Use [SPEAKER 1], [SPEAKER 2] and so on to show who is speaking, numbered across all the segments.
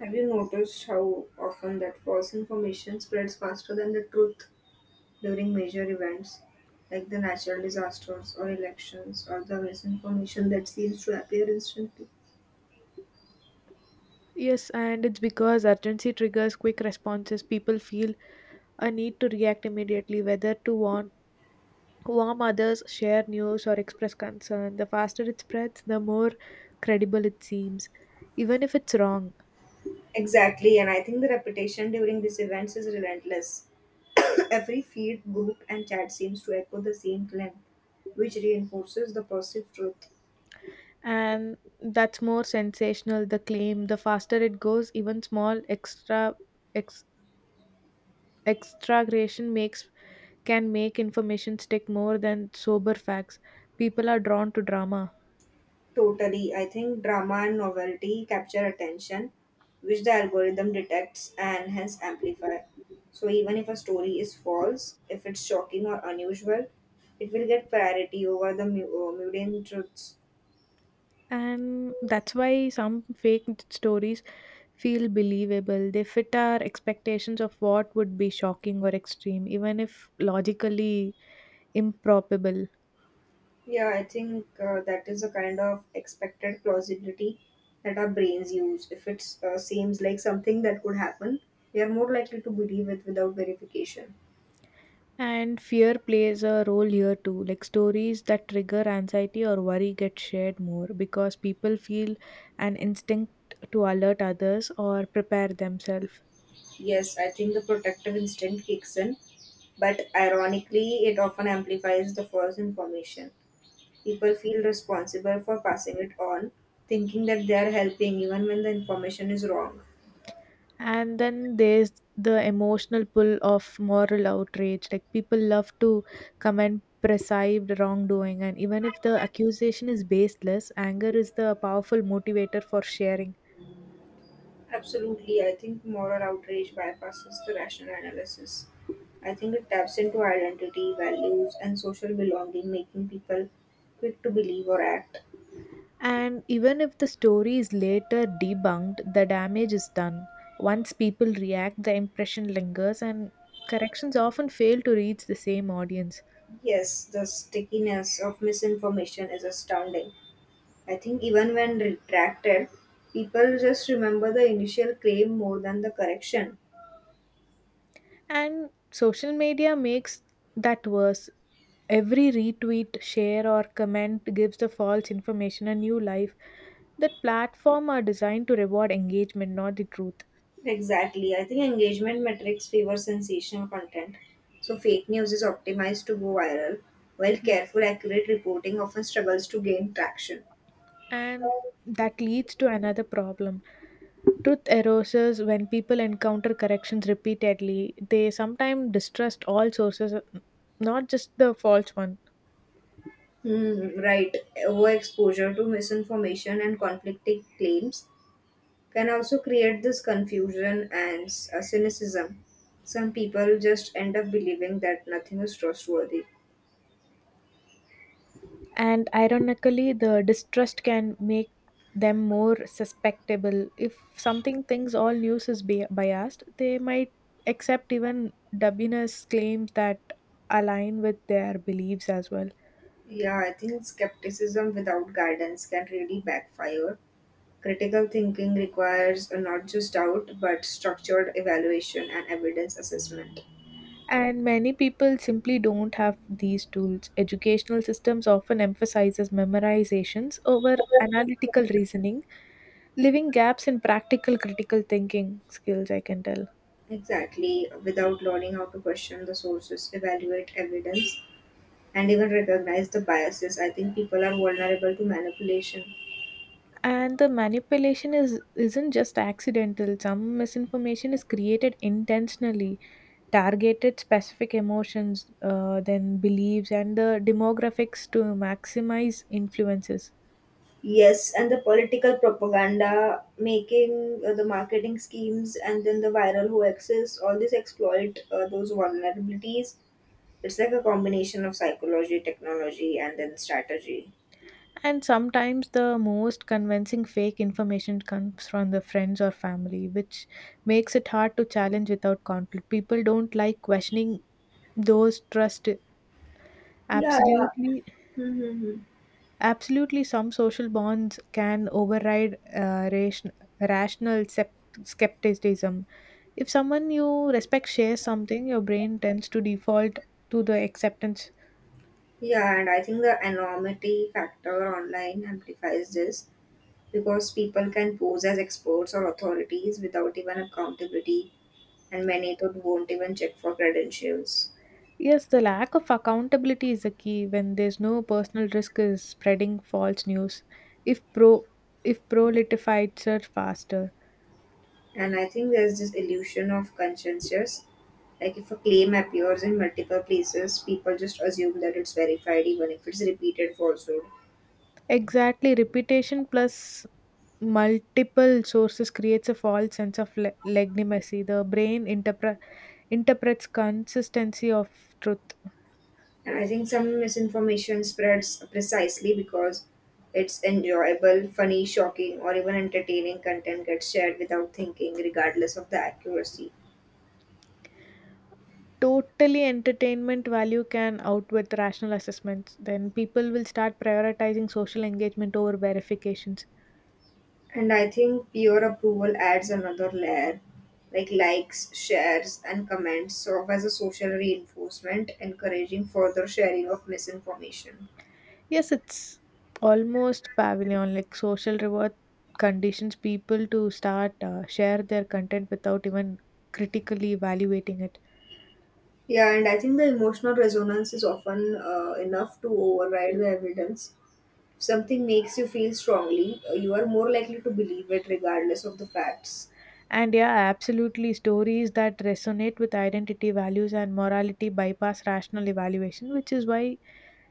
[SPEAKER 1] Have you noticed how often that false information spreads faster than the truth during major events like the natural disasters or elections or the misinformation that seems to appear instantly?
[SPEAKER 2] Yes, and it's because urgency triggers quick responses. People feel a need to react immediately, whether to warn, warm others, share news, or express concern. The faster it spreads, the more credible it seems, even if it's wrong.
[SPEAKER 1] Exactly, and I think the reputation during these events is relentless. Every feed, group, and chat seems to echo the same claim, which reinforces the perceived truth.
[SPEAKER 2] And that's more sensational, the claim. The faster it goes, even small extra ex, extragration makes can make information stick more than sober facts. People are drawn to drama.
[SPEAKER 1] Totally. I think drama and novelty capture attention, which the algorithm detects and hence amplifies. So even if a story is false, if it's shocking or unusual, it will get priority over the mundane truths.
[SPEAKER 2] And that's why some fake stories feel believable. They fit our expectations of what would be shocking or extreme, even if logically improbable.
[SPEAKER 1] Yeah, I think that is a kind of expected plausibility that our brains use. If it seems like something that could happen, we are more likely to believe it without verification.
[SPEAKER 2] And fear plays a role here too. Like stories that trigger anxiety or worry get shared more because people feel an instinct to alert others or prepare themselves.
[SPEAKER 1] Yes, I think the protective instinct kicks in, but ironically, it often amplifies the false information. People feel responsible for passing it on, thinking that they are helping even when the information is wrong.
[SPEAKER 2] And then there's the emotional pull of moral outrage, like people love to comment perceived wrongdoing, and even if the accusation is baseless, anger is the powerful motivator for sharing.
[SPEAKER 1] Absolutely, I think moral outrage bypasses the rational analysis. I think it taps into identity, values, and social belonging, making people quick to believe or act.
[SPEAKER 2] And even if the story is later debunked, the damage is done. Once people react, the impression lingers, and corrections often fail to reach the same audience.
[SPEAKER 1] Yes, the stickiness of misinformation is astounding. I think even when retracted, people just remember the initial claim more than the correction.
[SPEAKER 2] And social media makes that worse. Every retweet, share, or comment gives the false information a new life. That platform are designed to reward engagement, not the truth.
[SPEAKER 1] Exactly. I think engagement metrics favor sensational content. So fake news is optimized to go viral, while careful, accurate reporting often struggles to gain traction.
[SPEAKER 2] And that leads to another problem. Truth erasers, when people encounter corrections repeatedly, they sometimes distrust all sources, not just the false one.
[SPEAKER 1] Hmm, right. Overexposure to misinformation and conflicting claims can also create this confusion and cynicism. Some people just end up believing that nothing is trustworthy.
[SPEAKER 2] And ironically, the distrust can make them more susceptible. If something thinks all news is biased, they might accept even dubious claims that align with their beliefs as well.
[SPEAKER 1] Yeah, I think skepticism without guidance can really backfire. Critical thinking requires not just doubt, but structured evaluation and evidence assessment.
[SPEAKER 2] And many people simply don't have these tools. Educational systems often emphasizes memorizations over analytical reasoning, leaving gaps in practical critical thinking skills, I can tell.
[SPEAKER 1] Exactly, without learning how to question the sources, evaluate evidence, and even recognize the biases, I think people are vulnerable to manipulation.
[SPEAKER 2] And the manipulation is isn't just accidental. Some misinformation is created intentionally, targeted specific emotions, then beliefs and the demographics to maximize influences.
[SPEAKER 1] Yes, and the political propaganda, making the marketing schemes, and then the viral hoaxes, all these exploit those vulnerabilities. It's like a combination of psychology, technology, and then strategy.
[SPEAKER 2] And sometimes the most convincing fake information comes from the friends or family, which makes it hard to challenge without conflict. People don't like questioning those trust.
[SPEAKER 1] Yeah.
[SPEAKER 2] Absolutely.
[SPEAKER 1] Mm-hmm.
[SPEAKER 2] Absolutely, some social bonds can override rational skepticism. If someone you respect shares something, your brain tends to default to the acceptance.
[SPEAKER 1] Yeah, and I think the anonymity factor online amplifies this because people can pose as experts or authorities without even accountability, and many thought won't even check for credentials.
[SPEAKER 2] Yes, the lack of accountability is the key when there's no personal risk is spreading false news. If pro, if proliferates are faster.
[SPEAKER 1] And I think there's this illusion of conscientious. Like if a claim appears in multiple places, people just assume that it's verified even if it's repeated falsehood.
[SPEAKER 2] Exactly, reputation plus multiple sources creates a false sense of legitimacy. The brain interprets consistency of truth.
[SPEAKER 1] And I think some misinformation spreads precisely because it's enjoyable, funny, shocking, or even entertaining content gets shared without thinking, regardless of the accuracy.
[SPEAKER 2] Totally entertainment value can outweigh the rational assessments. Then people will start prioritizing social engagement over verifications.
[SPEAKER 1] And I think peer approval adds another layer, like likes, shares, and comments serve as a social reinforcement, encouraging further sharing of misinformation.
[SPEAKER 2] Yes, it's almost pavilion like social reward conditions people to start share their content without even critically evaluating it.
[SPEAKER 1] Yeah, and I think the emotional resonance is often enough to override the evidence. If something makes you feel strongly, you are more likely to believe it regardless of the facts.
[SPEAKER 2] And yeah, absolutely. Stories that resonate with identity, values, and morality bypass rational evaluation, which is why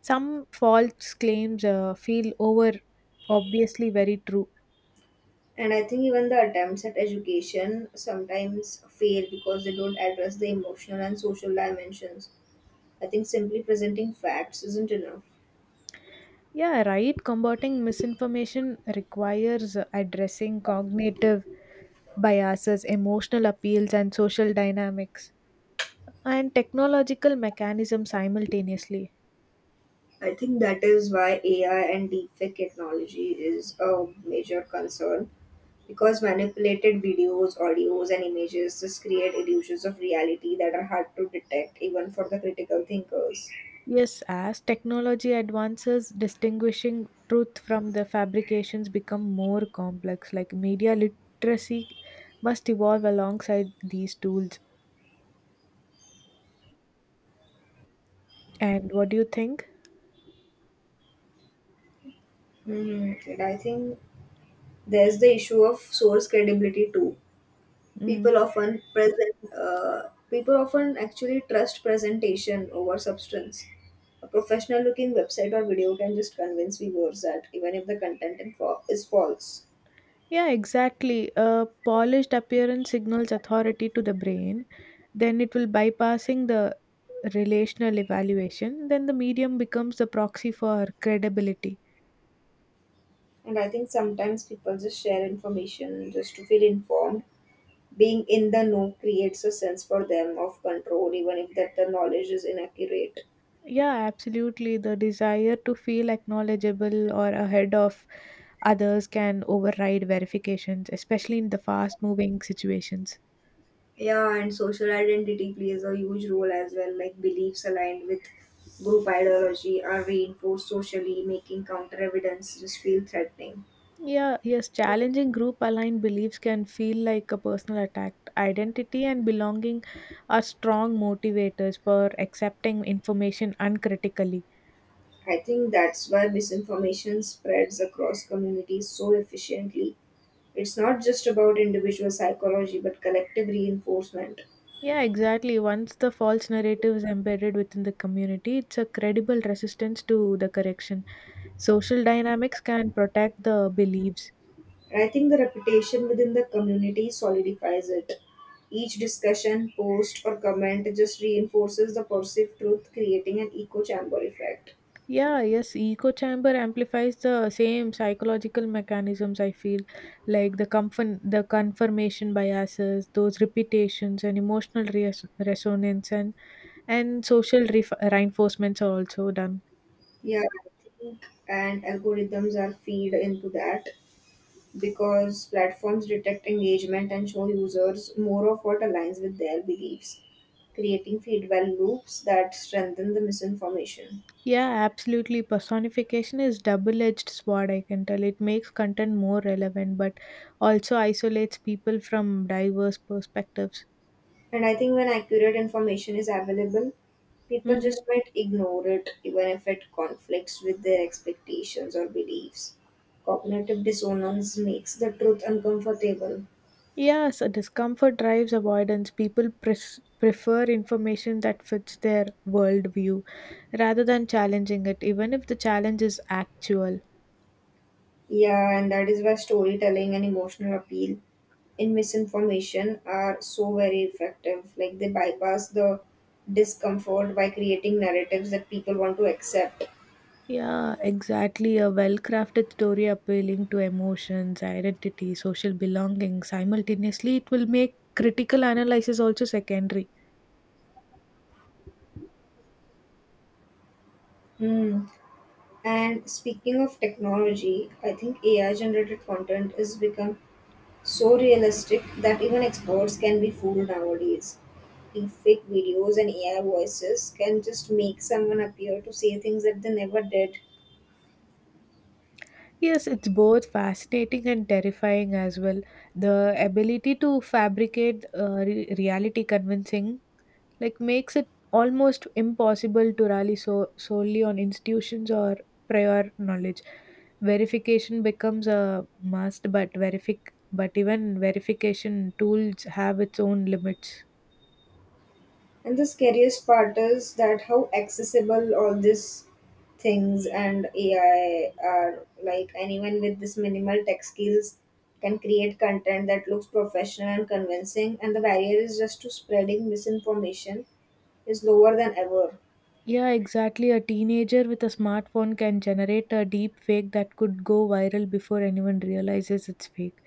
[SPEAKER 2] some false claims feel over obviously very true.
[SPEAKER 1] And I think even the attempts at education sometimes fail because they don't address the emotional and social dimensions. I think simply presenting facts isn't enough.
[SPEAKER 2] Yeah, right. Combating misinformation requires addressing cognitive biases, emotional appeals, and social dynamics, and technological mechanisms simultaneously.
[SPEAKER 1] I think that is why AI and deepfake technology is a major concern because manipulated videos, audios, and images just create illusions of reality that are hard to detect even for the critical thinkers.
[SPEAKER 2] Yes, as technology advances, distinguishing truth from the fabrications become more complex. Like media literacy must evolve alongside these tools. And what do you think?
[SPEAKER 1] Hmm, and I think there's the issue of source credibility too.
[SPEAKER 2] Mm.
[SPEAKER 1] People often actually trust presentation over substance. A professional-looking website or video can just convince viewers that even if the content info is false.
[SPEAKER 2] Yeah, exactly. A polished appearance signals authority to the brain. Then it will bypassing the relational evaluation. Then the medium becomes the proxy for credibility.
[SPEAKER 1] And I think sometimes people just share information just to feel informed. Being in the know creates a sense for them of control, even if that the knowledge is inaccurate.
[SPEAKER 2] Yeah, absolutely. The desire to feel acknowledgeable or ahead of others can override verifications, especially in the fast moving situations.
[SPEAKER 1] Yeah, and social identity plays a huge role as well, like beliefs aligned with group ideology are reinforced socially, making counter evidence just feel threatening.
[SPEAKER 2] Yeah, yes, challenging group aligned beliefs can feel like a personal attack. Identity and belonging are strong motivators for accepting information uncritically.
[SPEAKER 1] I think that's why misinformation spreads across communities so efficiently. It's not just about individual psychology but collective reinforcement.
[SPEAKER 2] Yeah, exactly. Once the false narrative is embedded within the community, it's a credible resistance to the correction. Social dynamics can protect the beliefs.
[SPEAKER 1] And I think the reputation within the community solidifies it. Each discussion, post, or comment just reinforces the perceived truth, creating an echo chamber effect.
[SPEAKER 2] Yeah, yes, echo chamber amplifies the same psychological mechanisms I feel like the confirmation biases, those repetitions and emotional resonance, and social reinforcements are also done.
[SPEAKER 1] Yeah, I think and algorithms are feed into that because platforms detect engagement and show users more of what aligns with their beliefs, creating feedback loops that strengthen the misinformation.
[SPEAKER 2] Yeah, absolutely. Personification is double-edged sword, I can tell. It makes content more relevant, but also isolates people from diverse perspectives.
[SPEAKER 1] And I think when accurate information is available, people
[SPEAKER 2] Mm.
[SPEAKER 1] just might ignore it even if it conflicts with their expectations or beliefs. Cognitive dissonance makes the truth uncomfortable.
[SPEAKER 2] Yes, a discomfort drives avoidance. People prefer information that fits their worldview rather than challenging it, even if the challenge is actual.
[SPEAKER 1] Yeah, and that is why storytelling and emotional appeal in misinformation are so very effective. Like they bypass the discomfort by creating narratives that people want to accept.
[SPEAKER 2] Yeah, exactly. A well crafted story appealing to emotions, identity, social belonging simultaneously, it will make critical analysis also secondary.
[SPEAKER 1] Hmm. And speaking of technology, I think AI generated content has become so realistic that even experts can be fooled nowadays. The fake videos and AI voices can just make someone appear to say things that they never did.
[SPEAKER 2] Yes, it's both fascinating and terrifying as well. The ability to fabricate reality convincing like makes it almost impossible to rely so solely on institutions or prior knowledge. Verification becomes a must, but verific but even verification tools have its own limits.
[SPEAKER 1] And the scariest part is that how accessible all these things and AI are. Like anyone with this minimal tech skills can create content that looks professional and convincing, and the barrier is just to spreading misinformation is lower than ever.
[SPEAKER 2] Yeah, exactly, a teenager with a smartphone can generate a deep fake that could go viral before anyone realizes it's fake.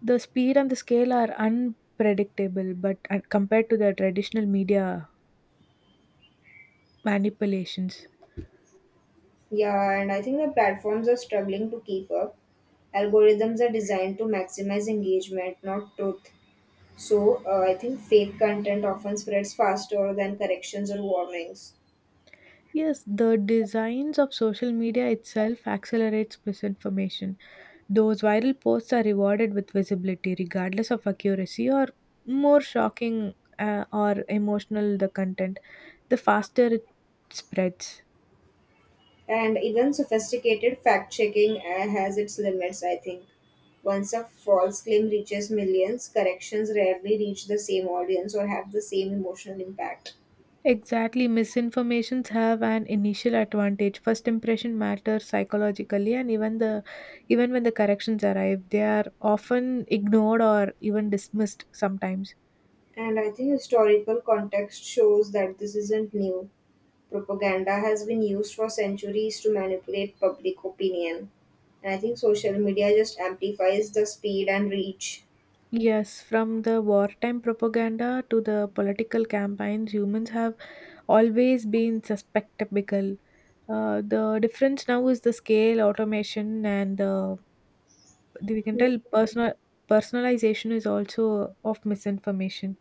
[SPEAKER 2] The speed and the scale are unpredictable, but compared to the traditional media manipulations.
[SPEAKER 1] Yeah, and I think the platforms are struggling to keep up. Algorithms are designed to maximize engagement, not truth. So I think fake content often spreads faster than corrections or warnings.
[SPEAKER 2] Yes, the designs of social media itself accelerates misinformation. Those viral posts are rewarded with visibility, regardless of accuracy, or more shocking or emotional the content, the faster it spreads.
[SPEAKER 1] And even sophisticated fact checking has its limits, I think. Once a false claim reaches millions, corrections rarely reach the same audience or have the same emotional impact.
[SPEAKER 2] Exactly, misinformations have an initial advantage. First impression matters psychologically, and even when the corrections arrive, they are often ignored or even dismissed sometimes.
[SPEAKER 1] And I think historical context shows that this isn't new. Propaganda has been used for centuries to manipulate public opinion. And I think social media just amplifies the speed and reach.
[SPEAKER 2] Yes, from the wartime propaganda to the political campaigns, humans have always been susceptible. The difference now is the scale, automation, and we can tell personalization is also of misinformation.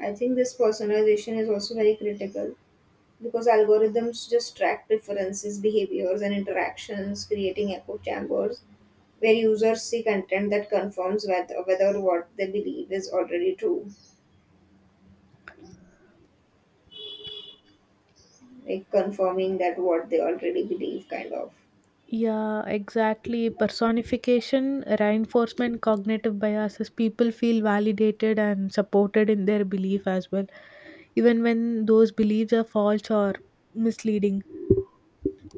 [SPEAKER 1] I think this personalization is also very critical, because algorithms just track preferences, behaviors, and interactions, creating echo chambers where users see content that confirms whether what they believe is already true, like confirming that what they already believe, kind of.
[SPEAKER 2] Yeah, exactly. Personification, reinforcement, cognitive biases. People feel validated and supported in their belief as well, even when those beliefs are false or misleading.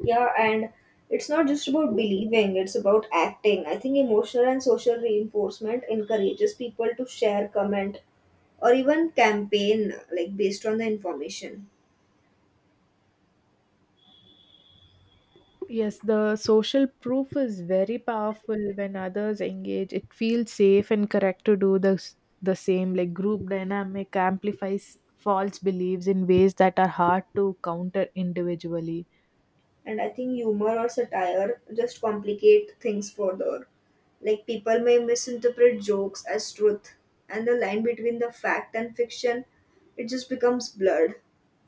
[SPEAKER 1] Yeah, and it's not just about believing, it's about acting. I think emotional and social reinforcement encourages people to share, comment, or even campaign like based on the information.
[SPEAKER 2] Yes, the social proof is very powerful when others engage. It feels safe and correct to do the same. Like group dynamic amplifies false beliefs in ways that are hard to counter individually.
[SPEAKER 1] And I think humor or satire just complicate things further. Like people may misinterpret jokes as truth, and the line between the fact and fiction, it just becomes blurred.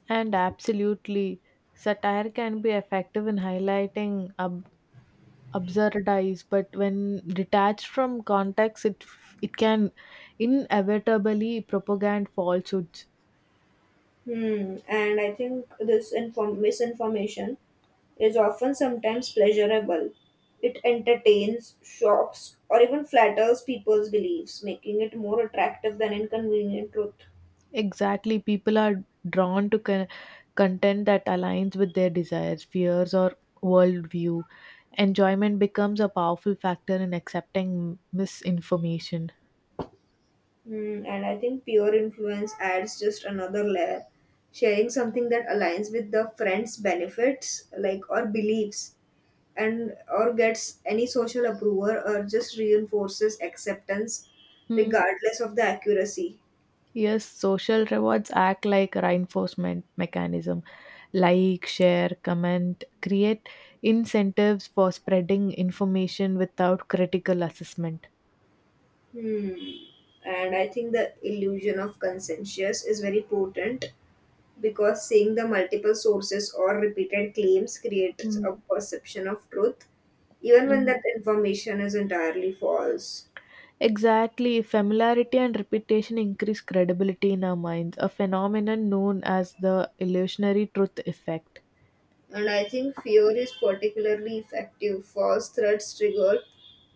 [SPEAKER 2] And absolutely, satire can be effective in highlighting absurdities, but when detached from context, it can inevitably propagate falsehoods.
[SPEAKER 1] Hmm. And I think this misinformation is often sometimes pleasurable. It entertains, shocks, or even flatters people's beliefs, making it more attractive than inconvenient truth.
[SPEAKER 2] Exactly, people are drawn to content that aligns with their desires, fears, or worldview. Enjoyment becomes a powerful factor in accepting misinformation.
[SPEAKER 1] Mm, and I think peer influence adds just another layer. Sharing something that aligns with the friend's benefits, like or beliefs, and or gets any social approval or just reinforces acceptance,
[SPEAKER 2] Hmm.
[SPEAKER 1] regardless of the accuracy.
[SPEAKER 2] Yes, social rewards act like reinforcement mechanism. Like, share, comment, create incentives for spreading information without critical assessment.
[SPEAKER 1] Hmm. And I think the illusion of consensus is very potent because seeing the multiple sources or repeated claims creates a perception of truth, even when that information is entirely false.
[SPEAKER 2] Exactly, familiarity and repetition increase credibility in our minds, a phenomenon known as the illusionary truth effect.
[SPEAKER 1] And I think fear is particularly effective. False threats trigger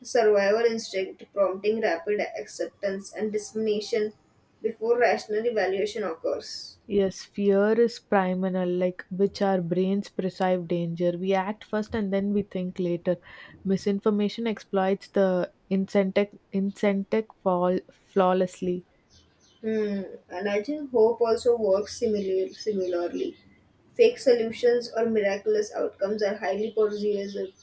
[SPEAKER 1] survival instinct, prompting rapid acceptance and discrimination before rational evaluation occurs.
[SPEAKER 2] Yes, fear is primal, like which our brains perceive danger. We act first and then we think later. Misinformation exploits the incentive fall flawlessly.
[SPEAKER 1] Hmm. And I think hope also works similarly. Fake solutions or miraculous outcomes are highly persuasive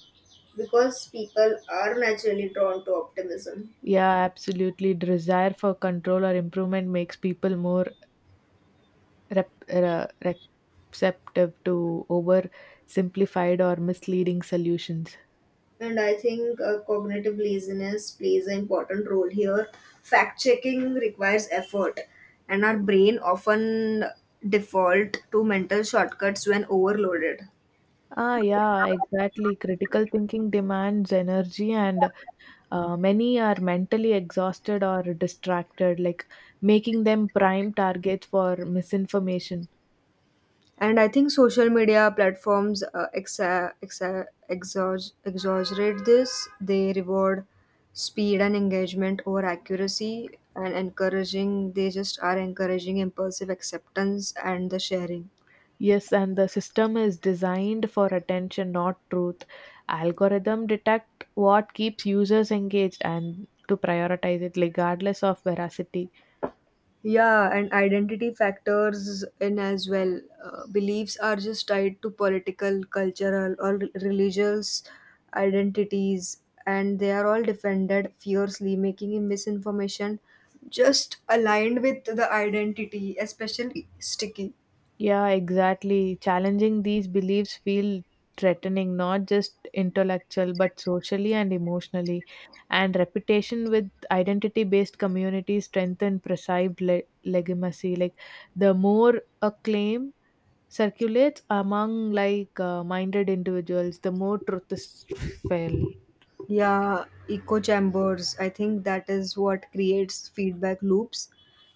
[SPEAKER 1] because people are naturally drawn to optimism.
[SPEAKER 2] Yeah, absolutely. Desire for control or improvement makes people more receptive to oversimplified or misleading solutions.
[SPEAKER 1] And I think cognitive laziness plays an important role here. Fact checking requires effort, and our brain often default to mental shortcuts when overloaded.
[SPEAKER 2] Ah, yeah, exactly. Critical thinking demands energy, and many are mentally exhausted or distracted, like making them prime targets for misinformation.
[SPEAKER 1] And I think social media platforms exaggerate this. They reward speed and engagement over accuracy, and encouraging impulsive acceptance and the sharing.
[SPEAKER 2] Yes, and the system is designed for attention, not truth. Algorithm detect what keeps users engaged and to prioritize it regardless of veracity.
[SPEAKER 1] Yeah, and identity factors in as well. Beliefs are just tied to political, cultural, or religious identities, and they are all defended fiercely, making misinformation just aligned with the identity, especially sticky.
[SPEAKER 2] Yeah, exactly. Challenging these beliefs feel threatening, not just intellectual, but socially and emotionally. And reputation with identity based communities strengthen perceived legitimacy. Like the more a claim circulates among like minded individuals, the more truth is felt.
[SPEAKER 1] Yeah, echo chambers. I think that is what creates feedback loops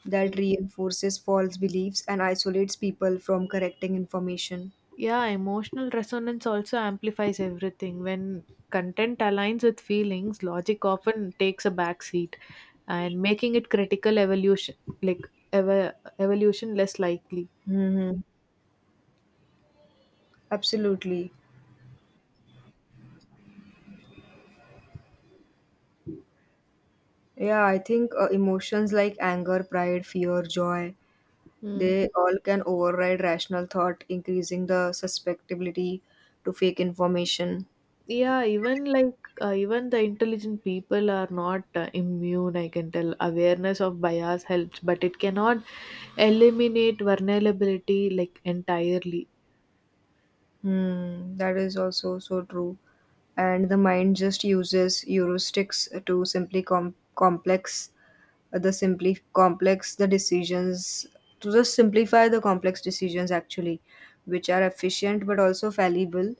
[SPEAKER 1] that reinforces false beliefs and isolates people from correcting information.
[SPEAKER 2] Yeah, emotional resonance also amplifies everything. When content aligns with feelings, logic often takes a back seat and making it critical evolution like evolution less likely.
[SPEAKER 1] Hmm. Absolutely. Yeah, I think emotions like anger, pride, fear, joy,
[SPEAKER 2] Mm.
[SPEAKER 1] they all can override rational thought, increasing the susceptibility to fake information.
[SPEAKER 2] Yeah, even like even the intelligent people are not immune, I can tell. Awareness of bias helps, but it cannot eliminate vulnerability like entirely.
[SPEAKER 1] Hmm, that is also so true. And the mind just uses heuristics to simply com- complex the simply complex the decisions to just simplify the complex decisions actually, which are efficient but also fallible,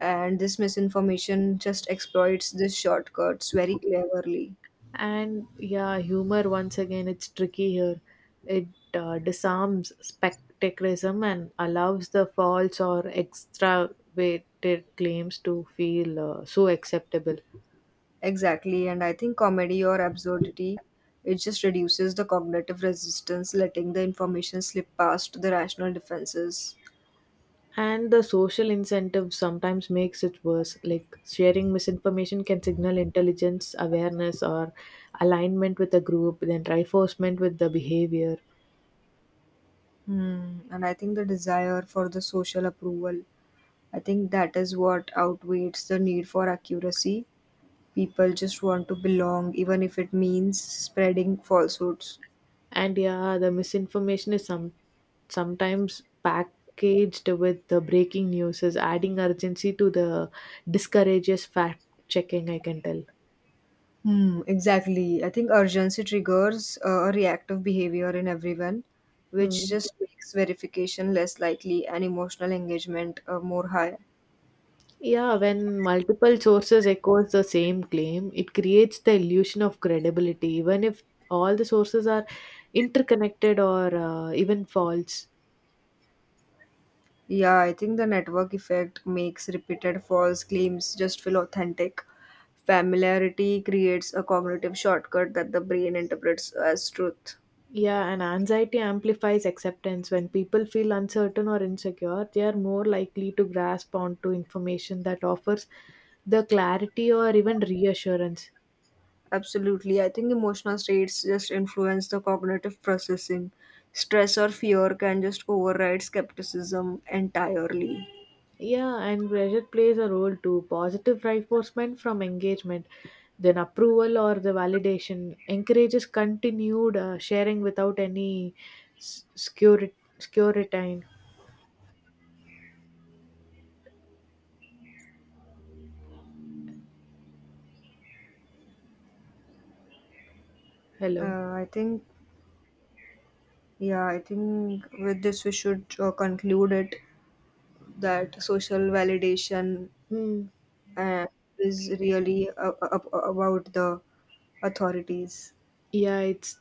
[SPEAKER 1] and this misinformation just exploits these shortcuts very cleverly.
[SPEAKER 2] And yeah, humor once again, it's tricky here. It disarms spectaculism and allows the false or extravated claims to feel so acceptable.
[SPEAKER 1] Exactly, and I think comedy or absurdity, it just reduces the cognitive resistance, letting the information slip past the rational defenses.
[SPEAKER 2] And the social incentive sometimes makes it worse. Like sharing misinformation can signal intelligence, awareness, or alignment with a group, then reinforcement with the behavior.
[SPEAKER 1] Hmm. And I think the desire for the social approval, I think that is what outweighs the need for accuracy. People just want to belong, even if it means spreading falsehoods.
[SPEAKER 2] And yeah, the misinformation is something sometimes packaged with the breaking news is adding urgency to the discourages fact checking, I can tell.
[SPEAKER 1] Hmm, exactly. I think urgency triggers a reactive behavior in everyone, which
[SPEAKER 2] Mm.
[SPEAKER 1] just makes verification less likely and emotional engagement more high.
[SPEAKER 2] Yeah, when multiple sources echoes the same claim, it creates the illusion of credibility, even if all the sources are interconnected or even false.
[SPEAKER 1] Yeah, I think the network effect makes repeated false claims just feel authentic. Familiarity creates a cognitive shortcut that the brain interprets as truth.
[SPEAKER 2] Yeah, and anxiety amplifies acceptance. When people feel uncertain or insecure, they are more likely to grasp onto information that offers the clarity or even reassurance.
[SPEAKER 1] Absolutely. I think emotional states just influence the cognitive processing. Stress or fear can just override skepticism entirely.
[SPEAKER 2] Yeah, and pressure plays a role too. Positive reinforcement from engagement, then approval or the validation encourages continued sharing without any scurit- scuritine. Hello.
[SPEAKER 1] I think, yeah, I think with this we should conclude it that social validation
[SPEAKER 2] Hmm.
[SPEAKER 1] uh, is really about the authorities.
[SPEAKER 2] Yeah, it's